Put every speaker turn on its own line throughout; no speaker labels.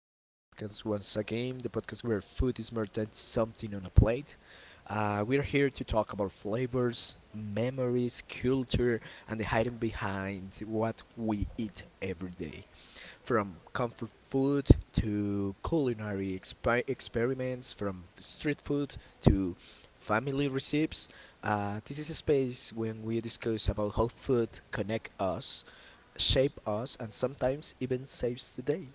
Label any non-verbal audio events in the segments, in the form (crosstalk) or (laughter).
to the podcast once again, the podcast where food is more than something on a plate. We're here to talk about flavors, memories, culture, and the hiding behind what we eat every day. From comfort food to culinary expi experiments, from street food to family recipes. This is a space when we discuss about how food connect us shape us and sometimes even saves the day.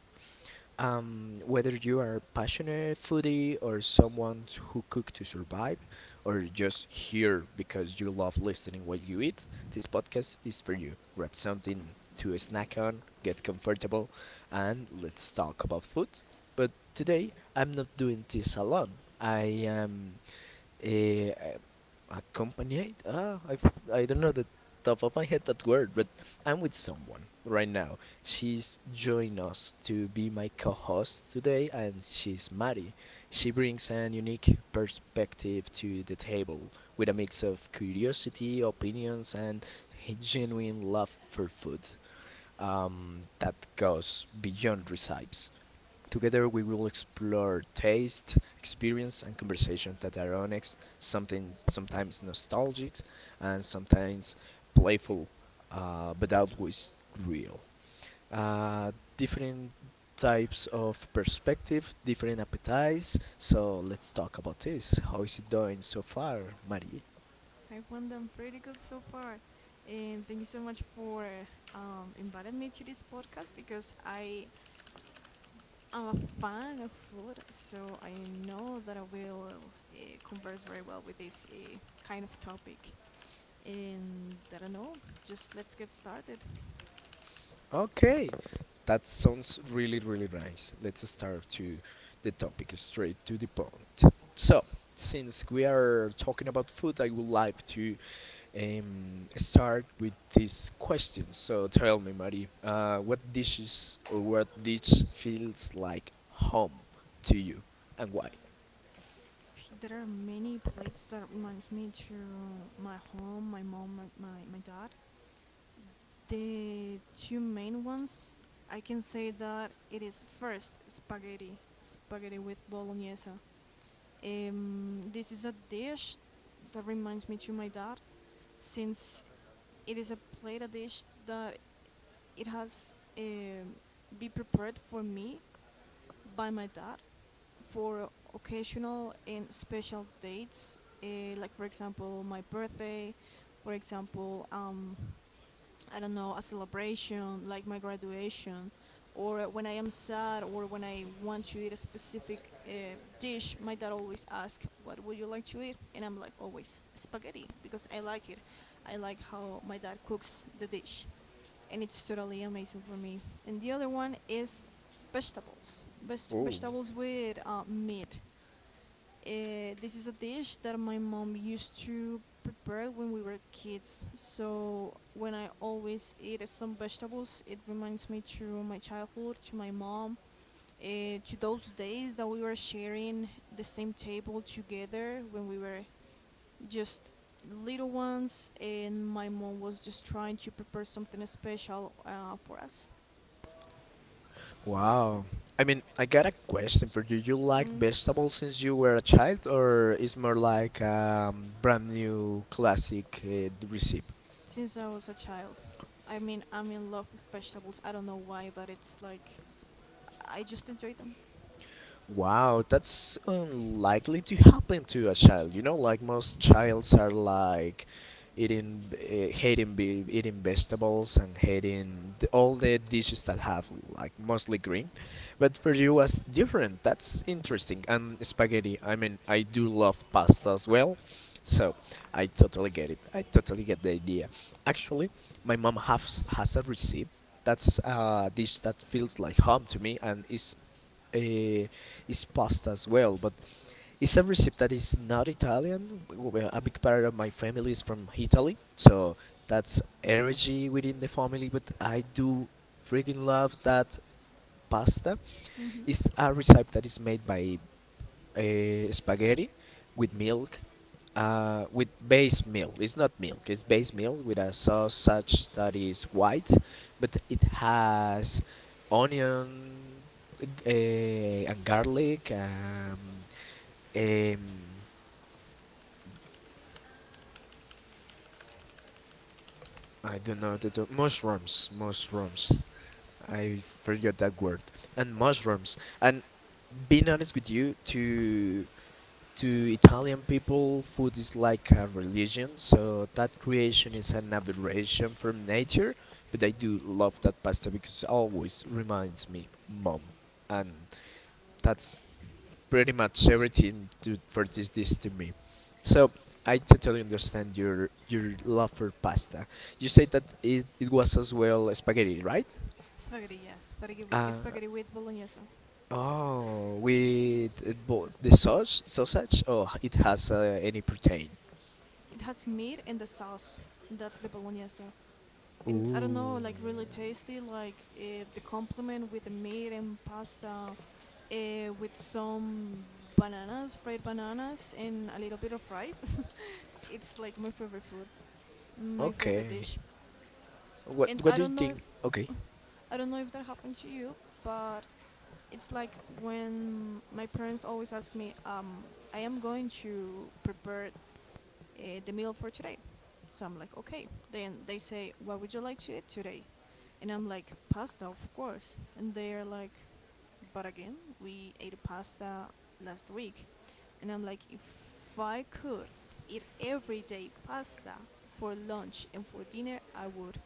Whether you are passionate foodie or someone who cook to survive or just here because you love listening while you eat, this podcast is for you. Grab something to snack on, get comfortable, and let's talk about food. But today I'm not doing this alone. I am uh, accompanied? Ah, I don't know the top of my head that word, but I'm with someone right now. She's joined us to be my co-host today, and she's Mari. She brings an unique perspective to the table with a mix of curiosity, opinions, and a genuine love for food that goes beyond recipes. Together, we will explore taste, experience, and conversation that are honest, something sometimes nostalgic, and sometimes playful, but always real. Uh, Different types of perspective, different appetites. So let's talk about this. How is it doing so far, Marie?
I've won them pretty good so far. And thank you so much for inviting me to this podcast because I am a fan of food, so I know that I will converse very well with this kind of topic. And I don't know, just let's get started.
Okay, that sounds really, really nice. Let's start to the topic straight to the point. So, since we are talking about food, I would like to start with this question. So, tell me, Marie, what dishes or what dish feels like home to you and why?
There are many plates that reminds me to my home, my mom, my dad. The two main ones, I can say that it is first spaghetti, with bolognese. This is a dish that reminds me to my dad, since it is a plate a dish that it has be prepared for me by my dad for occasional and special dates, like for example my birthday, for example I don't know, a celebration like my graduation, or when I am sad, or when I want to eat a specific dish, my dad always asks, "What would you like to eat?" And I'm like, always spaghetti because I like it. I like how my dad cooks the dish, and it's totally amazing for me. And the other one is vegetables,
Oh.
vegetables with meat. This is a dish that my mom used to prepare when we were kids. So when I always eat some vegetables, it reminds me to my childhood, to my mom, to those days that we were sharing the same table together when we were just little ones, and my mom was just trying to prepare something special for us.
Wow. I mean, I got a question for you. You like
mm,
vegetables since you were a child, or is more like brand new classic recipe?
since I was a child. I mean, I'm in love with vegetables. I don't know why, but it's like I just enjoyed them.
Wow, that's unlikely to happen to a child. You know, like most childs are like eating vegetables and hating the, all the dishes that have like mostly green. But for you, was different. That's interesting. And spaghetti. I mean, I do love pasta as well. So I totally get it. I totally get the idea. Actually, my mom has a recipe that's a dish that feels like home to me and uh, is pasta as well, but it's a recipe that is not Italian. A big part of my family is from Italy, so that's energy within the family. But I do freaking love that pasta.
Hmm.
It's a recipe that is made by spaghetti with milk with base milk. It's not milk. It's base milk with a sausage that is white, but it has onion and garlic. Um, I don't know mushrooms. Mushrooms. I forgot that word. And mushrooms. And being honest with you, to Italian people, food is like a religion, so that creation is an aberration from nature. But I do love that pasta because it always reminds me mom, and that's pretty much everything for this dish to me. So I totally understand your love for pasta. You said that it was as well spaghetti, right?
Spaghetti, yes. Spaghetti,
Uh,
spaghetti with bolognese.
the sausage, sausage. Oh, it has any protein.
It has meat in the sauce. That's the bolognese. And it's, I don't know,
Ooh.
like really tasty, like the complement with the meat and pasta with some bananas, fried bananas, and a little bit of rice. (laughs) It's like my favorite food, my favorite
Okay.
dish. And
What do you think? Okay.
I don't know if that happened to you, but it's like when my parents always ask me, I am going to prepare the meal for today. So I'm like, okay. Then they say, what would you like to eat today? And I'm like, pasta, of course. And they're like, but again, we ate pasta last week. And I'm like, if I could eat every day pasta for lunch and for dinner, I would.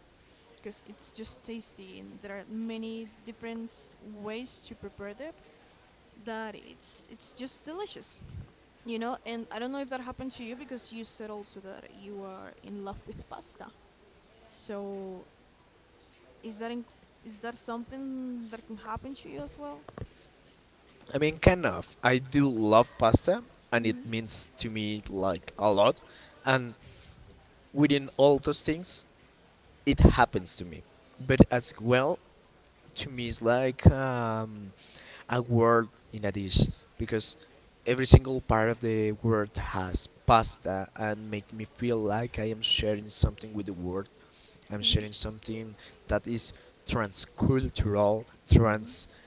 Because it's just tasty and there are many different ways to prepare it that it's just delicious, and I don't know if that happened to you because you said also that you are in love with pasta, so is that in, is that something that can happen to you as well?
I mean, kind of. I do love pasta, and it
Mm-hmm.
means to me like a lot. And within all those things, it happens to me. But as well, to me, it's like a word in a dish because every single part of the word has pasta and make me feel like I am sharing something with the world. I'm
Mm-hmm.
sharing something that is transcultural, trans
Mm-hmm.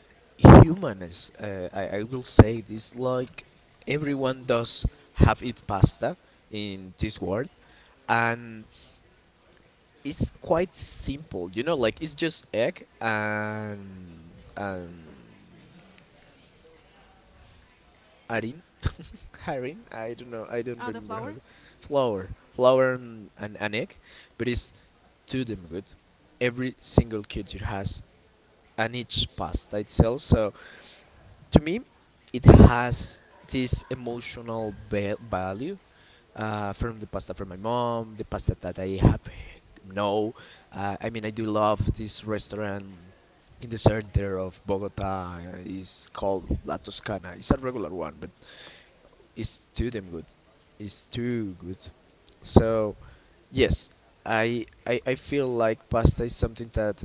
humans, I will say this like everyone does have eat pasta in this world, and it's quite simple. You know, like it's just egg and harin, harin. I don't know. I don't
Ah, the
remember how.
flour.
Flour, flour and an egg, but it's too damn good. Every single culture has and each pasta itself. So to me, it has this emotional value from the pasta from my mom, the pasta that I have no. I mean, I do love this restaurant in the center of Bogota. It's called La Toscana. It's a regular one, but it's too damn good. It's too good. So yes, I feel like pasta is something that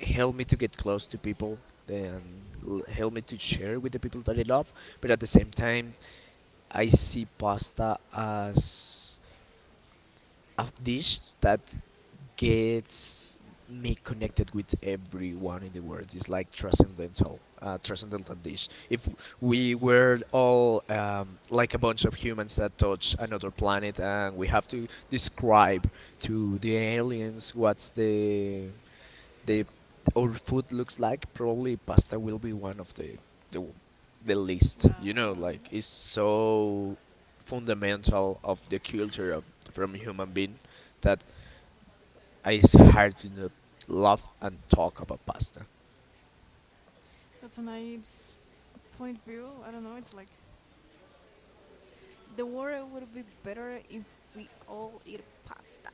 helped me to get close to people and help me to share with the people that I love. But at the same time, I see pasta as a dish that gets me connected with everyone in the world. It's like transcendental, transcendental dish. If we were all like a bunch of humans that touch another planet, and we have to describe to the aliens what's the our food looks like, probably pasta will be one of the the least. You know,
Wow,
like it's so fundamental of the culture of from human being that it's hard to not laugh and talk about pasta.
that's a nice point view. I don't know, it's like the world would be better if we all eat pasta.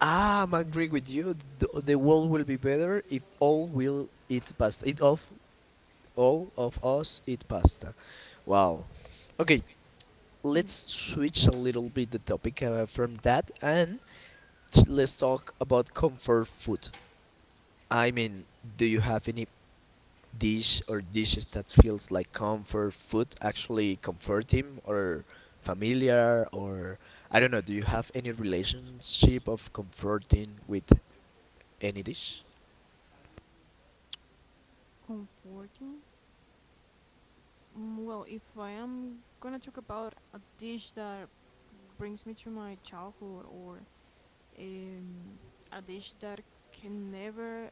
Ah, I'm agree with you. The world will be better if all will eat pasta. It of All of us eat pasta. Wow. Okay,
mm.
let's switch a little bit the topic from that and let's talk about comfort food. I mean, do you have any dish or dishes that feels like comfort food actually comforting or familiar or I don't know, do you have any relationship of comforting with any dish?
Comforting. Mm, well, if I am gonna talk about a dish that brings me to my childhood, or um, a dish that can never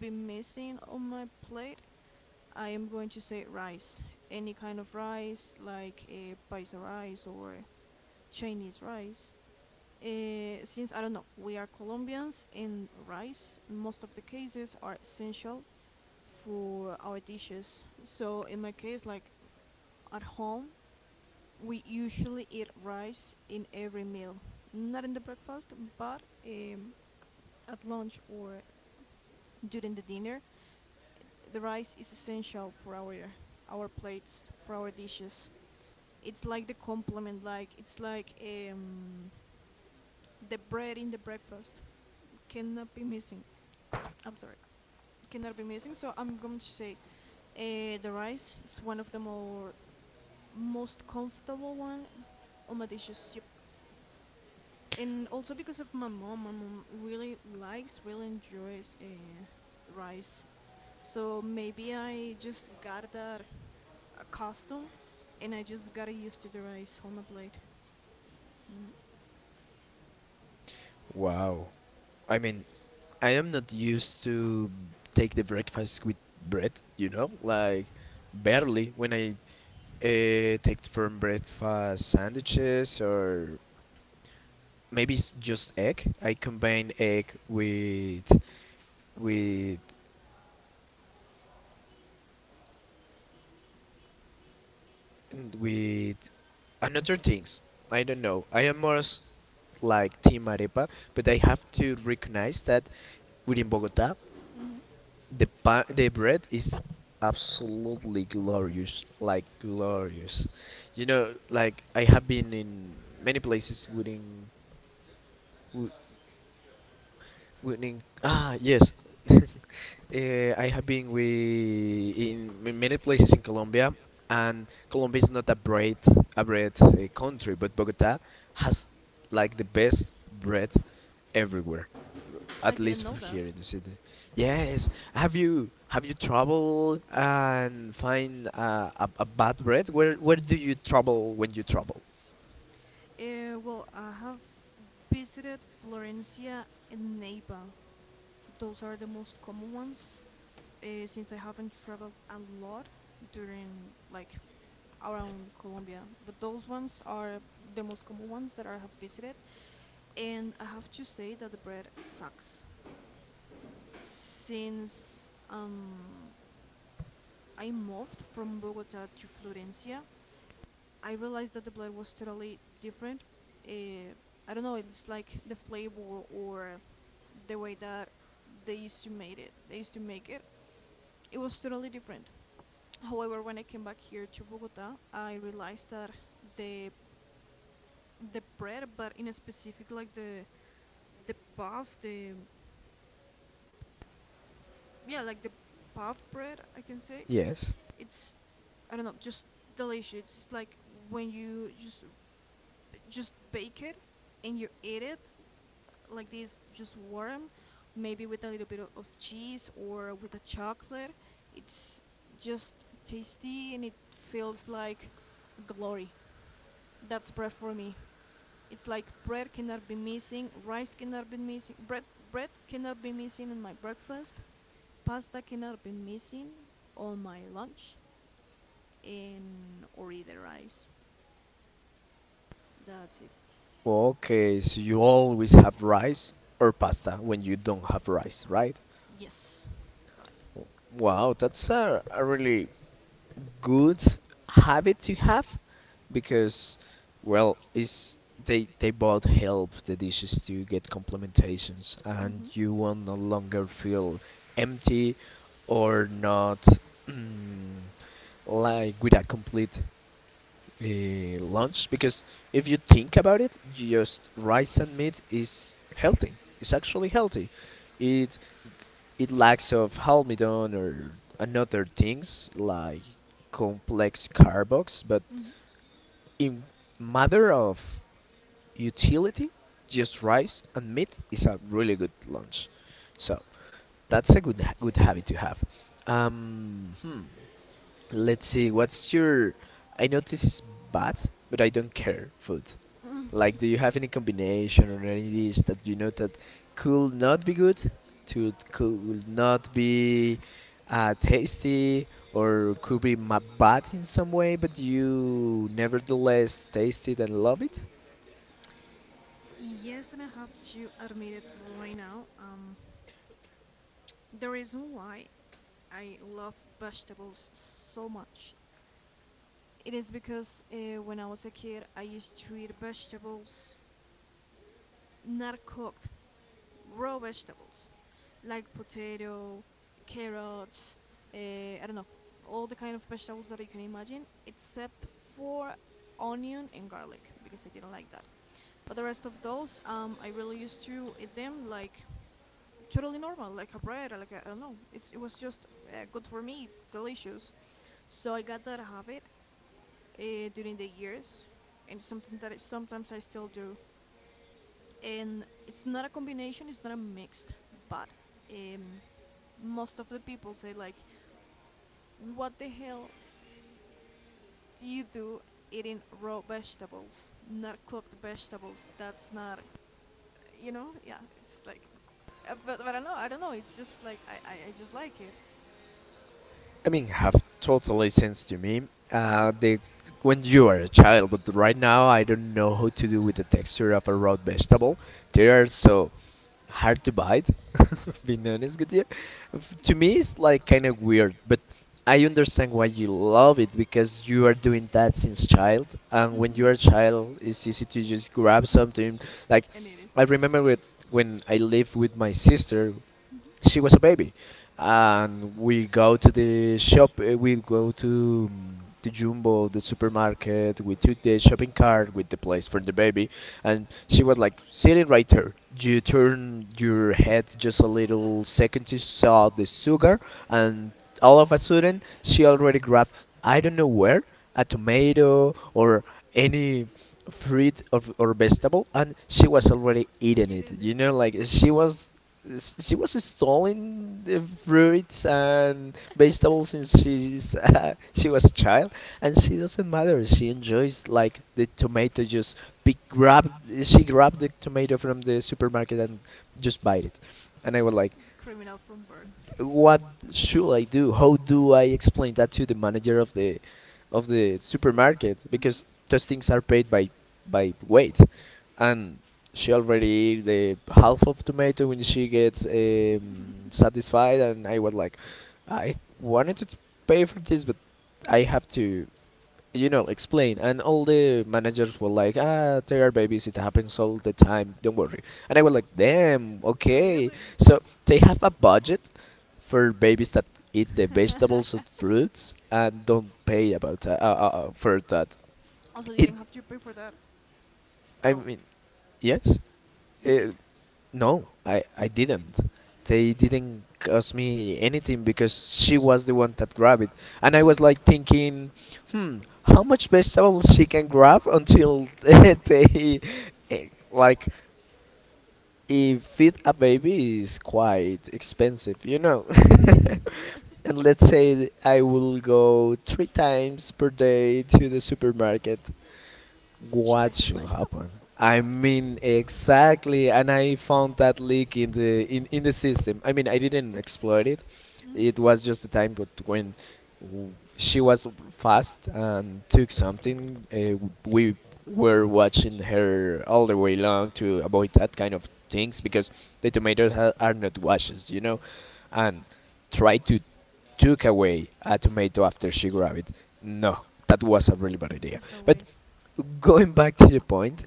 be missing on my plate, I am going to say rice. Any kind of rice, like paisa rice or Chinese rice. Since I don't know, we are Colombians, and rice, in most of the cases, are essential for our dishes. So in my case, like at home we usually eat rice in every meal, not in the breakfast, but at lunch or during the dinner. The rice is essential for our plates, for our dishes. It's like the complement, like it's like the bread in the breakfast cannot be missing. I'm sorry, cannot be missing. So I'm going to say the rice. It's one of the more most comfortable one on my dishes. And also because of my mom. My mom really likes, really enjoys rice. So maybe I just got that custom, and I just got used to the rice on my plate. Hmm.
Wow. I mean, I am not used to take the breakfast with bread, you know? Like barely when I take from breakfast sandwiches or maybe it's just egg. I combine egg with with another things, I don't know. I am more like Team Arepa, but I have to recognize that within Bogota, the bread is absolutely glorious, like glorious. You know, like I have been in many places wi- within ah yes. (laughs) I have been with in many places in Colombia, and Colombia is not a bread country, but Bogota has like the best bread everywhere,
I
at
didn't
least
know
for
that.
here in the city. Yes, have you traveled and find a bad bread? Where do you travel when you travel?
Well, I have visited Florencia and Neiva. Those are the most common ones. Since I haven't traveled a lot during like around Colombia, but those ones are the most common ones that I have visited. And I have to say that the bread sucks. Since I moved from Bogota to Florencia, I realized that the blend was totally different. Uh, I don't know, it's like the flavor or the way that they used to made it. They used to make it. It was totally different. However, when I came back here to Bogota, I realized that the the bread, but in a specific like the puff, the yeah, like the puff bread, I can say
Yes.
it's I don't know, just delicious. It's like when you just bake it and you eat it like this, just warm, maybe with a little bit of cheese or with a chocolate. It's just tasty and it feels like glory. That's bread for me. It's like bread cannot be missing, rice cannot be missing, bread cannot be missing in my breakfast, pasta cannot be missing on my lunch, and or either rice. That's it.
Okay, so you always have rice or pasta when you don't have rice, right?
Yes, right.
Wow, that's a really good habit to have because well is they both help the dishes to get complementations and
Mm-hmm.
you will no longer feel empty or not mm, like with a complete lunch because if you think about it just rice and meat is healthy it's actually healthy it it lacks of halmidon or another things like complex carbox, but
Mm-hmm.
in matter of utility, just rice and meat is a really good lunch. So that's a good habit to have. Um, hmm, let's see. What's your? I know this is bad, but I don't care. Food.
Mm.
Like, do you have any combination or any dish that you know that could not be good, to could not be tasty, or could be bad in some way, but you nevertheless taste it and love it?
Yes, and I have to admit it right now. The reason why I love vegetables so much, it is because when I was a kid, I used to eat vegetables not cooked. Raw vegetables like potato, carrots, I don't know, all the kind of vegetables that you can imagine, except for onion and garlic because I didn't like that. But the rest of those, I really used to eat them like totally normal, like a bread, or like a, I don't know. It's, it was just good for me, delicious. So I got that habit uh, during the years, and something that sometimes I still do, and it's not a combination, it's not a mixed, but um, most of the people say like, what the hell do you do eating raw vegetables, not cooked vegetables, that's not, you know. Yeah, it's like but I don't know, it's just like I just like it.
I mean, have totally sense to me.
Mm.
The When you are a child, but right now I don't know how to do with the texture of a raw vegetable. They are so hard to bite (laughs) have been honest with you. To me, it's like kind of weird, but I understand why you love it because you are doing that since child. And when
Mm-hmm.
you're a child, it's easy to just grab something. Like
I need it.
I remember with when I lived with my sister, she
Mm-hmm.
was a baby, and we go to the shop. We go to the Jumbo, the supermarket. We took the shopping cart with the place for the baby, and she was like sitting right there. You turn your head just a little second to saw the sugar, and all of a sudden she already grabbed I don't know where a tomato or any fruit or vegetable and she was already eating
It
it
ended.
you know like she was stealing the fruits and vegetables since she's (laughs) she was a child, and she doesn't matter. She enjoys like the tomato. Just pick, grab. She grabbed the tomato from the supermarket and just bite it. And I was like,
Criminal from birth.
what should I do? How do I explain that to the manager of the
The store.
supermarket?
Mhm.
Because those things are paid by weight and she already ate the half of tomato when she gets satisfied. And I was like, I wanted to pay for this, but I have to, explain, and all the managers were like, ah, there are babies, it happens all the time, don't worry. And I was like, damn, okay.
Really?
So they have a budget for babies that eat the vegetables and fruits and don't
(laughs)
pay about that, for that
Also, you
it
didn't have to pay for that at
I
all.
mean, yes,
You
uh,
did.
no, I didn't. They didn't cost me anything because she was the one that grabbed it. And I was like thinking, hmm, how much vegetables she can grab until (laughs) eh, like, if feed a baby is quite expensive, you know.
Uh. (laughs) Yeah.
(laughs) And let's say I will go three times per day to the supermarket.
She buy
What
some
should happen?
vegetables, of
I
course.
mean,
Mhm.
exactly, and I found that leak in in the system. I mean, I didn't exploit it. It was just the time, but when she was fast and took something, we were watching her all the way long to avoid that kind of things because the tomatoes are not washes, you know, and try to took away a tomato after she grabbed it. No, that was a really bad idea.
There's no.
But going back to the point,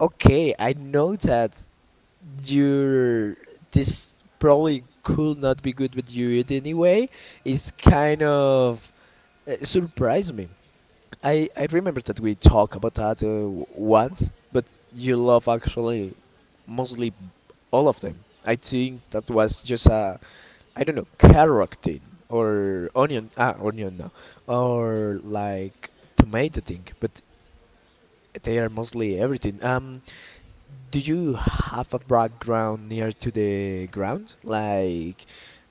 okay, I know that your this probably could not be good with you it anyway. It's kind of surprised me. I remember that we talked about that once, but you love actually mostly all of them. I think that
Yes.
was just a I don't know carrot thing or onion, ah, onion, no, or like tomato thing, but they are mostly everything. Do you have a background near to the ground? Like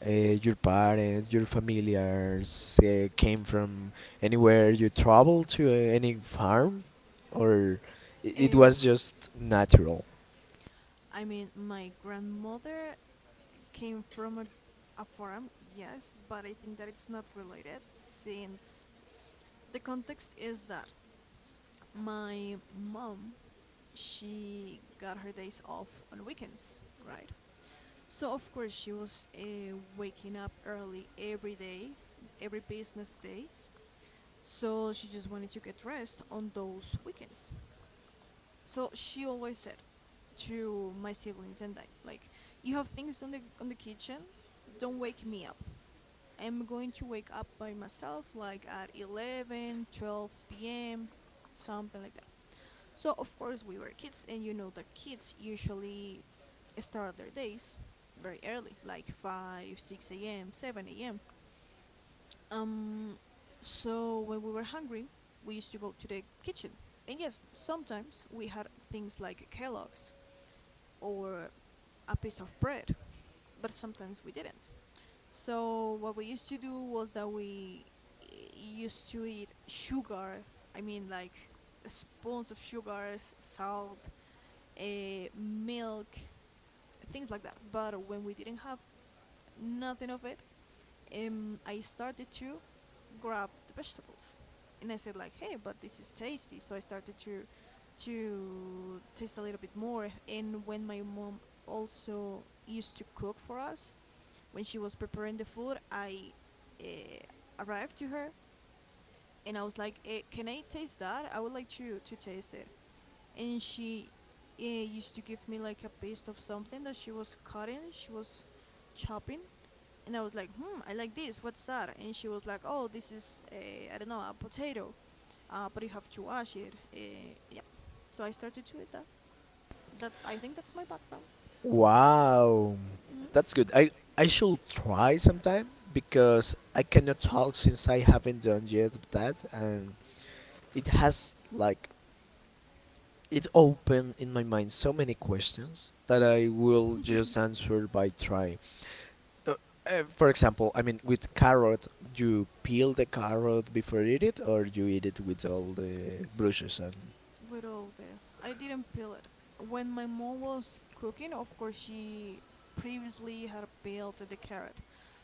uh, your parents, your familiars came from anywhere you traveled to any farm? Or it
Um,
was just natural?
I mean, my grandmother came from a farm, yes, but I think that it's not related since the context is that my mom, she got her days off on weekends, right? So, of course, she was waking up early every day, every business days. So, she just wanted to get rest on those weekends, so she always said to my siblings and I, like, you have things on the kitchen, don't wake me up. I'm going to wake up by myself, like at 11, 12 p.m., something like that. So of course we were kids, and you know that kids usually start their days very early, like 5, 6 a.m., 7 a.m. Um, so when we were hungry, we used to go to the kitchen, and yes, sometimes we had things like Kellogg's or a piece of bread, but sometimes we didn't. So what we used to do was that we used to eat sugar. I mean, like spoons of sugar, salt, uh, milk, things like that. But when we didn't have nothing of it, I started to grab the vegetables, and I said like, "Hey, but this is tasty." So I started to taste a little bit more. And when my mom also used to cook for us, when she was preparing the food, I uh, arrived to her and I was like, "Can I taste that? I would like to taste it." And she used to give me like a piece of something that she was cutting, chopping, and I was like, "Hmm, I like this. What's that?" And she was like, "Oh, this is a I don't know a potato, but you have to wash it." Yeah, so I started to eat that. That's I think that's my background.
Wow,
Mhm.
that's good. I should try sometime because I cannot talk since I haven't done yet that, and it has like it opened in my mind so many questions that I
Mhm.
will just answer by trying. Uh, for example, I mean, with carrot, you peel the carrot before you eat it, or you eat it with all the brushes and
With all the I didn't peel it. When my mom was cooking, of course she previously had peeled the carrot.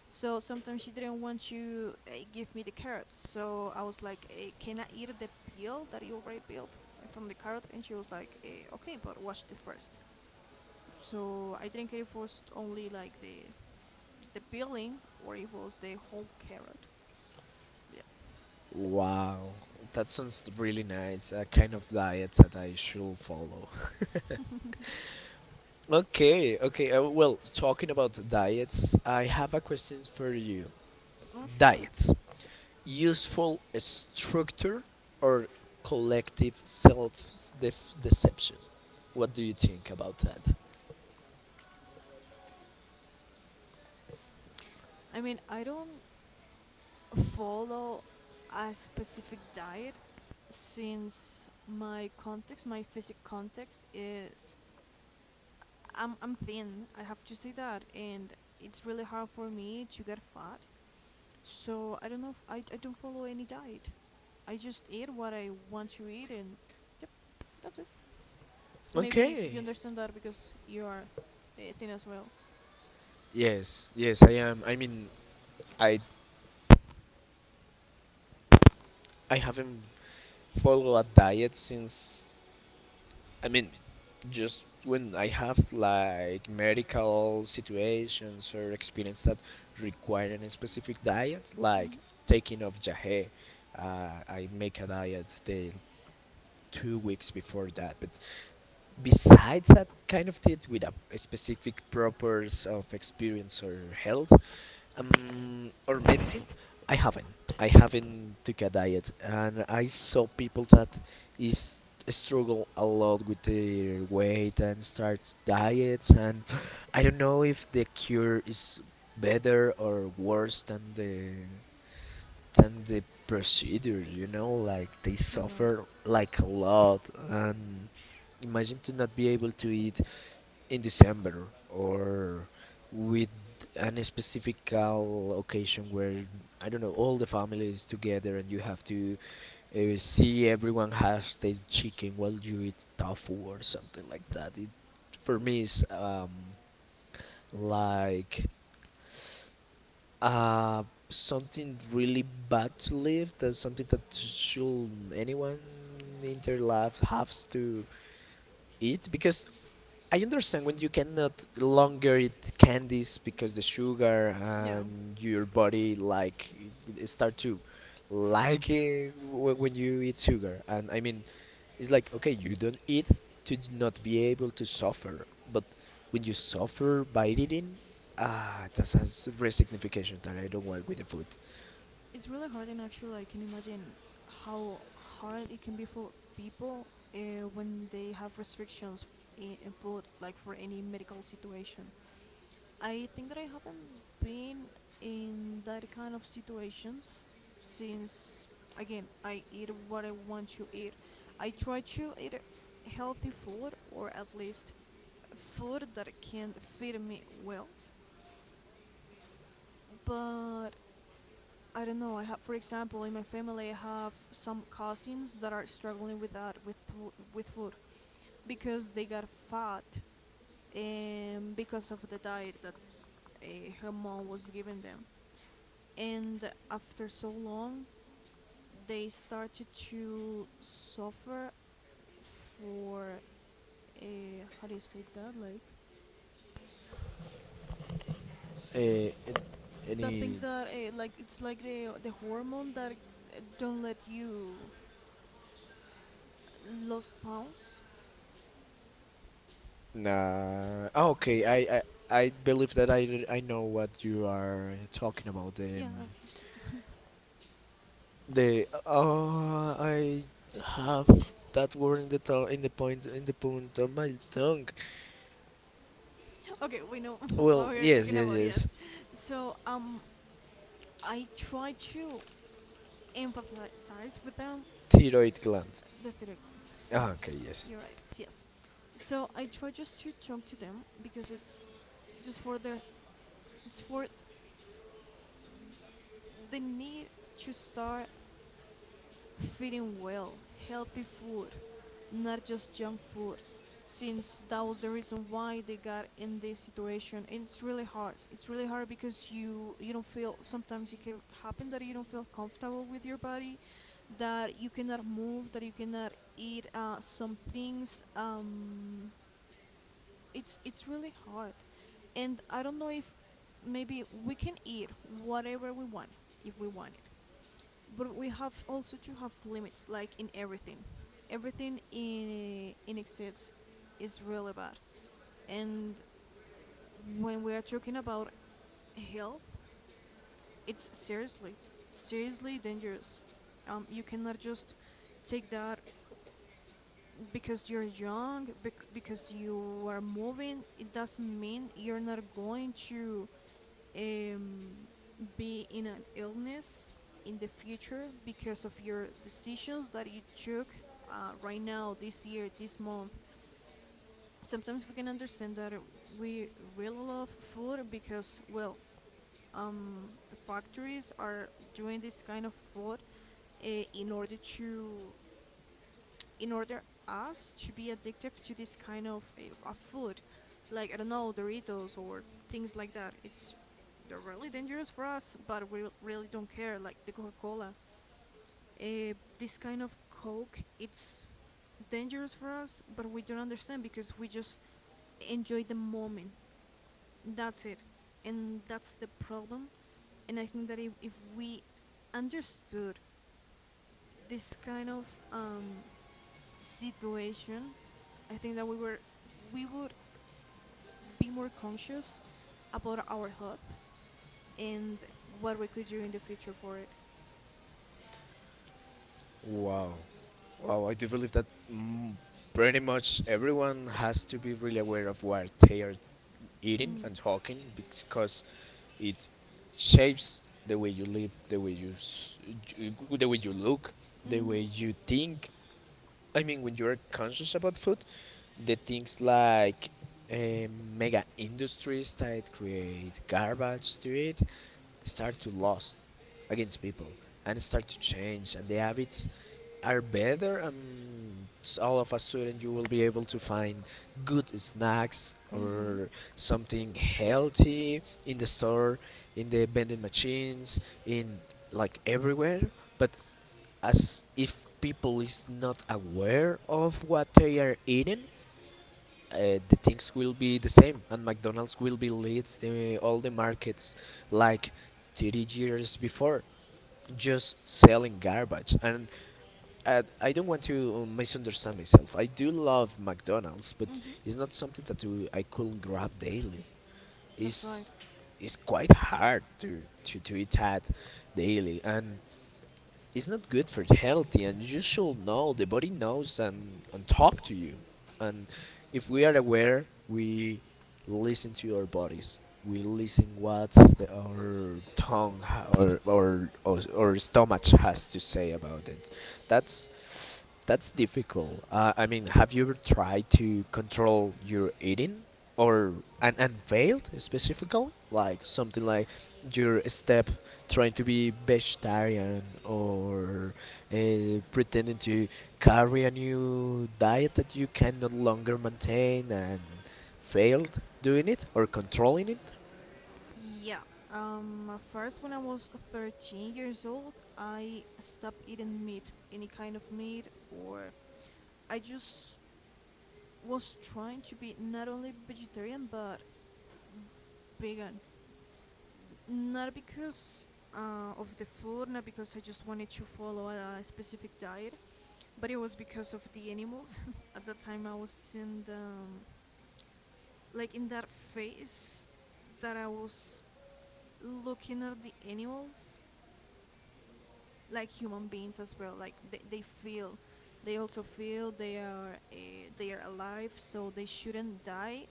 So sometimes she didn't want to give me the carrots. So I was like, "Can I eat the peel that you already peeled from the carrot?" And she was like, "Okay, but wash it first." So I didn't care if it was only like the peeling or if it was the whole carrot. Yeah,
wow. That sounds really nice, a kind of diet that I should follow. Okay, okay. Well, talking about diets, I have a question for you.
not sure.
Diets. Useful structure or collective self deception. What do you think about that?
I mean, I don't follow a specific diet since my context, my physic context is I'm thin, I have to say that, and it's really hard for me to get fat. So I don't know if I, don't follow any diet. I just eat what I want to eat and yep, that's it. Maybe you
Okay.
understand that because you are thin as well.
Yes, yes, I am. I mean, I I haven't followed a diet since. I mean, just when I have like medical situations or experience that require a specific diet,
Hmm.
like taking of jahe, I make a diet the 2 weeks before that. But besides that kind of teeth with a specific purpose of experience or health, or medicine, I haven't. I haven't took a diet, and I saw people that is struggle a lot with their weight and start diets, and I don't know if the cure is better or worse than the procedure, you know, like they
You're right.
suffer like a lot, and imagine to not be able to eat in December or with an specific occasion where I don't know all the family is together and you have to see everyone have their chicken while you eat tofu or something like that. It for me is like uh, something really bad to live, that's something that should anyone in their life has to eat because I understand when you cannot longer eat candies because the sugar
Yeah.
and your body, like, it start to like it when you eat sugar, and I mean it's like, okay, you don't eat to not be able to suffer, but when you suffer by eating, ah, that's a real signification that I don't want with the food.
It's really hard and actually I can imagine how hard it can be for people when they have restrictions in food like for any medical situation. I think that I haven't been in that kind of situations since, again, I eat what I want to eat. I try to eat healthy food or at least food that can feed me well, but I don't know. I have, for example, in my family, I have some cousins that are struggling with that, with food, because they got fat, and because of the diet that uh, her mom was giving them, and after so long, they started to suffer for, how do you say that? Like
Uh,
the things
any?
that like it's like the hormone that don't let you lose pounds.
Nah. Oh, okay. I believe that I know what you are talking about. The
Yeah, okay.
the oh, I have that word in the tongue in the point of my tongue.
Okay, we know (laughs) what
Well,
we are
yes,
talking
yes,
about,
yes.
yes. So, I try to empathize with them.
Thyroid gland.
The third one, yes.
Ah, okay, yes.
You're right, it's yes. So I try just to talk to them because it's just for their, it's for the need to start feeding well, healthy food, not just junk food. Since that was the reason why they got in this situation, and it's really hard. It's really hard because you don't feel. Sometimes it can happen that you don't feel comfortable with your body, that you cannot move, that you cannot eat some things. It's really hard, and I don't know if maybe we can eat whatever we want if we want it, but we have also to have limits, like in everything. Everything in excess is really bad, and when we are talking about health, it's seriously, seriously dangerous. You cannot just take that because you're young, because you are moving, it doesn't mean you're not going to, um, be in an illness in the future because of your decisions that you took right now, this year, this month. Sometimes we can understand that we really love food because, well, um, factories are doing this kind of food uh, in order to, in order us to be addictive to this kind of, of food, like I don't know, Doritos or things like that. It's they're really dangerous for us, but we really don't care, like the Coca-Cola. This kind of coke, it's dangerous for us, but we don't understand because we just enjoy the moment. That's it, and that's the problem. And I think that if we understood this kind of um, situation, I think that we were, we would be more conscious about our health and what we could do in the future for it.
Wow. Wow. I do believe that, mm, pretty much everyone has to be really aware of what they are eating
Mm.
and talking because it shapes the way you live, the way the way you look, the
Mhm.
way you think. I mean, when you're conscious about food, the things like eh, mega industries that create garbage to it start to lost against people and start to change, and the habits are better, and all of a sudden you will be able to find good snacks
Mhm.
or something healthy in the store, in the vending machines, in like everywhere, but as if people is not aware of what they are eating, the things will be the same, and McDonald's will be lead the, all the markets like 30 years before just selling garbage, and I don't want to misunderstand myself. I do love McDonald's, but
Mhm.
it's not something that I could grab daily.
That's right.
It's it's quite hard to eat at daily, and it's not good for healthy, and you should know the body knows and talk to you, and if we are aware, we listen to our bodies, we listen what our tongue or stomach has to say about it. That's difficult. I mean, have you ever tried to control your eating or and failed specifically like something like your step trying to be vegetarian or pretending to carry a new diet that you can no longer maintain and failed doing it or controlling it.
Yeah. At first, when I was 13 years old, I stopped eating meat, any kind of meat, or I just was trying to be not only vegetarian but vegan. Not because of the food, not because I just wanted to follow a specific diet, but it was because of the animals. (laughs) At that time, I was in the like in that phase that I was looking at the animals like human beings as well, like they feel, they also feel, they are alive, so they shouldn't die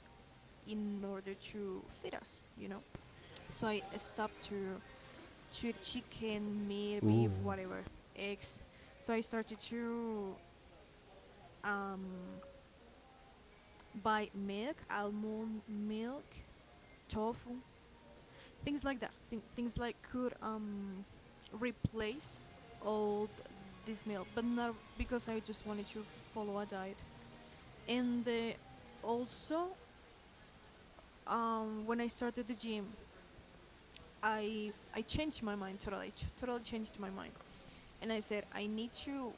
in order to feed us, you know. So I stopped to eat chicken, meat, beef,
Ooh,
whatever, eggs. So I started to um, buy milk, almond milk, tofu, things like that. Things like could replace all this meal, but not because I just wanted to follow a diet. And also, when I started the gym, I changed my mind totally, totally changed my mind, and I said I need to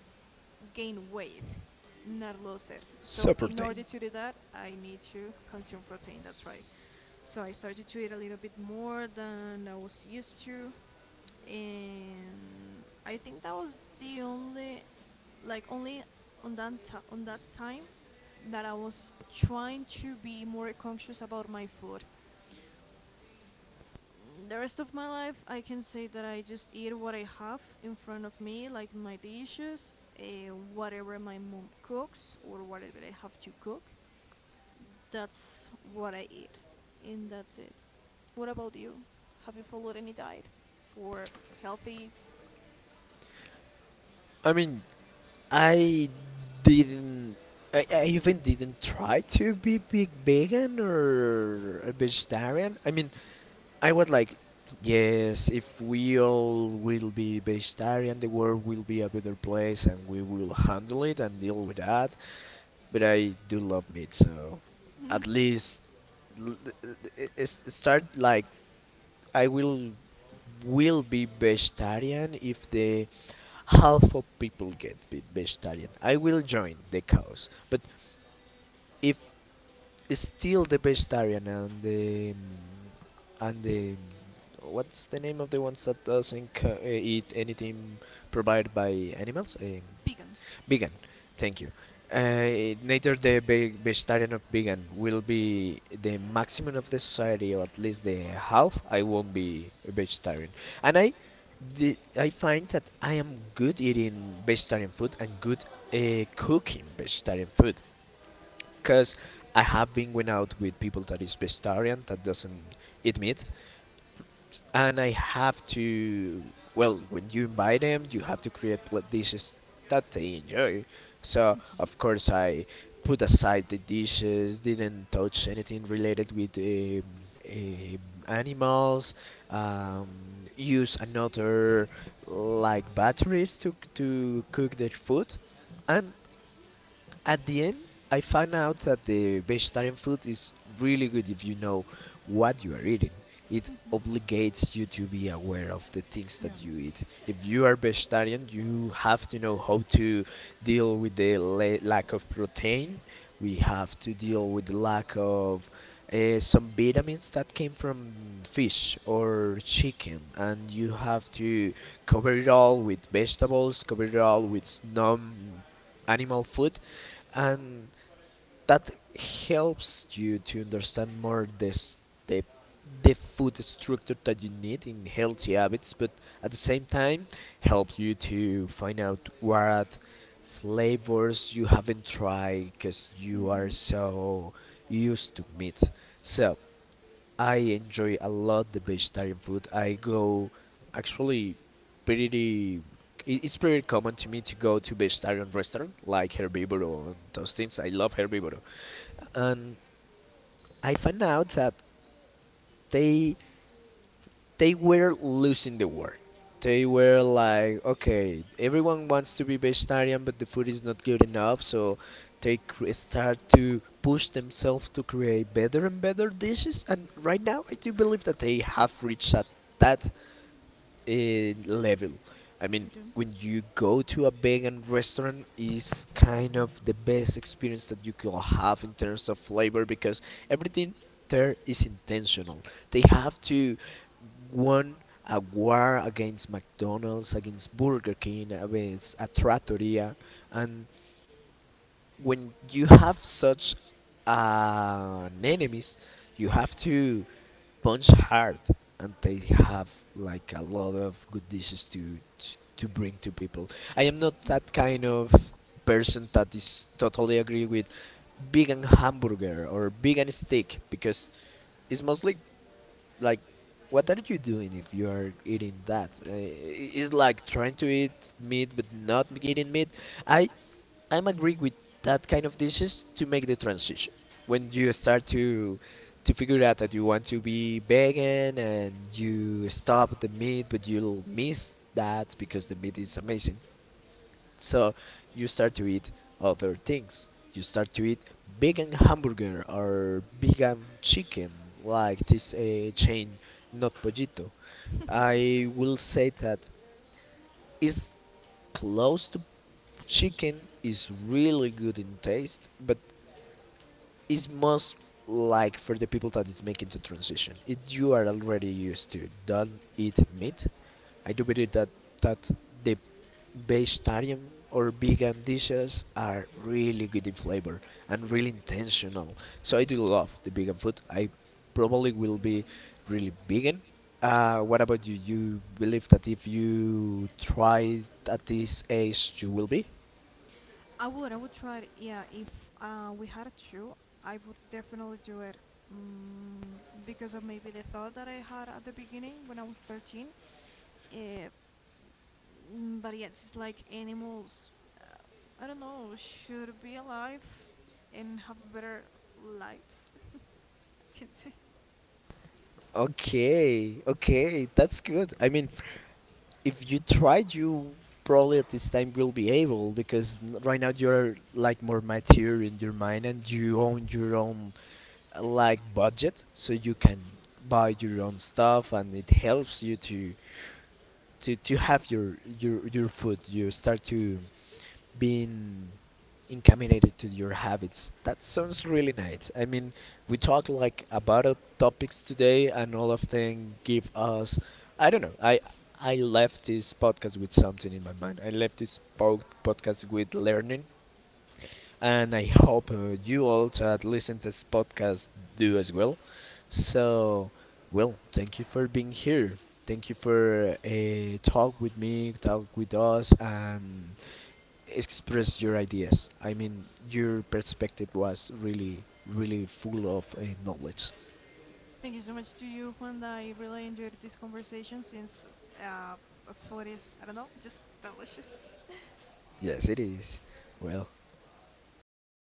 gain weight, not lose it. So
super
in order
pain.
to do that, I need to consume protein. That's right. So I started to eat a little bit more than I was used to, and I think that was the only, like only on that ti on that time, that I was trying to be more conscious about my food. The rest of my life, I can say that I just eat what I have in front of me, like my dishes, whatever my mom cooks, or whatever I have to cook. That's what I eat, and that's it. What about you? Have you followed any diet for healthy?
I mean, I didn't. I even didn't try to be big vegan or a vegetarian. I mean, I was like, yes, if we all will be vegetarian, the world will be a better place and we will handle it and deal with that. But I do love meat, so at least l- it's- it start like I will be vegetarian if the half of people get vegetarian. I will join the cause. But if is still the vegetarian and the what's the name of the ones that doesn't eat anything provided by animals? Um,
Vegan?
vegan. Thank you. Neither the vegetarian or vegan will be the maximum of the society, or at least the half. I won't be a vegetarian, and I find that I am good eating vegetarian food and good cooking vegetarian food because I have been going out with people that is vegetarian that doesn't eat meat, and I have to. Well, when you invite them, you have to create dishes that they enjoy. So of course I put aside the dishes, didn't touch anything related with um, animals. Um, use another like batteries to cook their food, and at the end, I found out that the vegetarian food is really good if you know what you are eating. It obligates you to be aware of the things that you eat. If you are vegetarian, you have to know how to deal with the lack of protein. We have to deal with the lack of some vitamins that came from fish or chicken, and you have to cover it all with vegetables, cover it all with non animal food, and that helps you to understand more the the food structure that you need in healthy habits, but at the same time help you to find out what flavors you haven't tried because you are
Hmm.
so used to meat. So I enjoy a lot the vegetarian food. I go actually pretty. It's pretty common to me to go to vegetarian restaurant like Herbivoro and those things. I love Herbivoro, and I found out that they they were losing the war. They were like, okay, everyone wants to be vegetarian, but the food is not good enough, so they start to push themselves to create better and better dishes. And right now, I do believe that they have reached that level. I mean,
You do.
when you go to a vegan restaurant, is kind of the best experience that you could have in terms of flavor because everything there is intentional. They have to won a war against McDonald's, against Burger King, against a trattoria, and when you have such an enemies, you have to punch hard, and they have like a lot of good dishes to to bring to people. I am not that kind of person that is totally agree with vegan hamburger or vegan steak because it's mostly like what are you doing if you are eating that, it's like trying to eat meat but not eating meat i I'm agree with that kind of dishes to make the transition when
Hmm.
you start to figure out that you want to be vegan and you stop the meat but you'll miss that because the meat is amazing, so you start to eat other things, you start to eat vegan hamburger or vegan chicken like this chain not pollito. I will say that it's close to chicken is really good in taste, but is most like for the people that is making the transition. If you are already used to don't eat meat, I do believe that that the vegetarian or vegan dishes are really good in flavor and really intentional. So I do love the vegan food. I probably will be really vegan. What about you? You believe that if you try at this age, you will be?
I would try it. Yeah, if we had a show, I would definitely do it. Mm, because of maybe the thought that I had at the beginning when I was 13. Uh, mm, but yeah, it's like animals, I don't know, should be alive and have better lives, (laughs) I can say.
Okay, okay, that's good. I mean, if you tried, you probably at this time will be able because right now you're like more mature in your mind and you own your own like budget, so you can buy your own stuff, and it helps you to to have your food. You start to being incaminated to your habits. That sounds really nice. I mean, we talked like about topics today, and all of them give us. I don't know. I left this podcast with something in my mind. I left this podcast with learning, and I hope you all that listen to this podcast do as well. So, well, thank you for being here. Thank you for talk with me, talk with us, and express your ideas. I mean, your perspective was really, really full of knowledge.
Thank you so much to you, Juan. I really enjoyed this conversation since uh, food is, I don't know, just delicious.
Yes, it is. Well,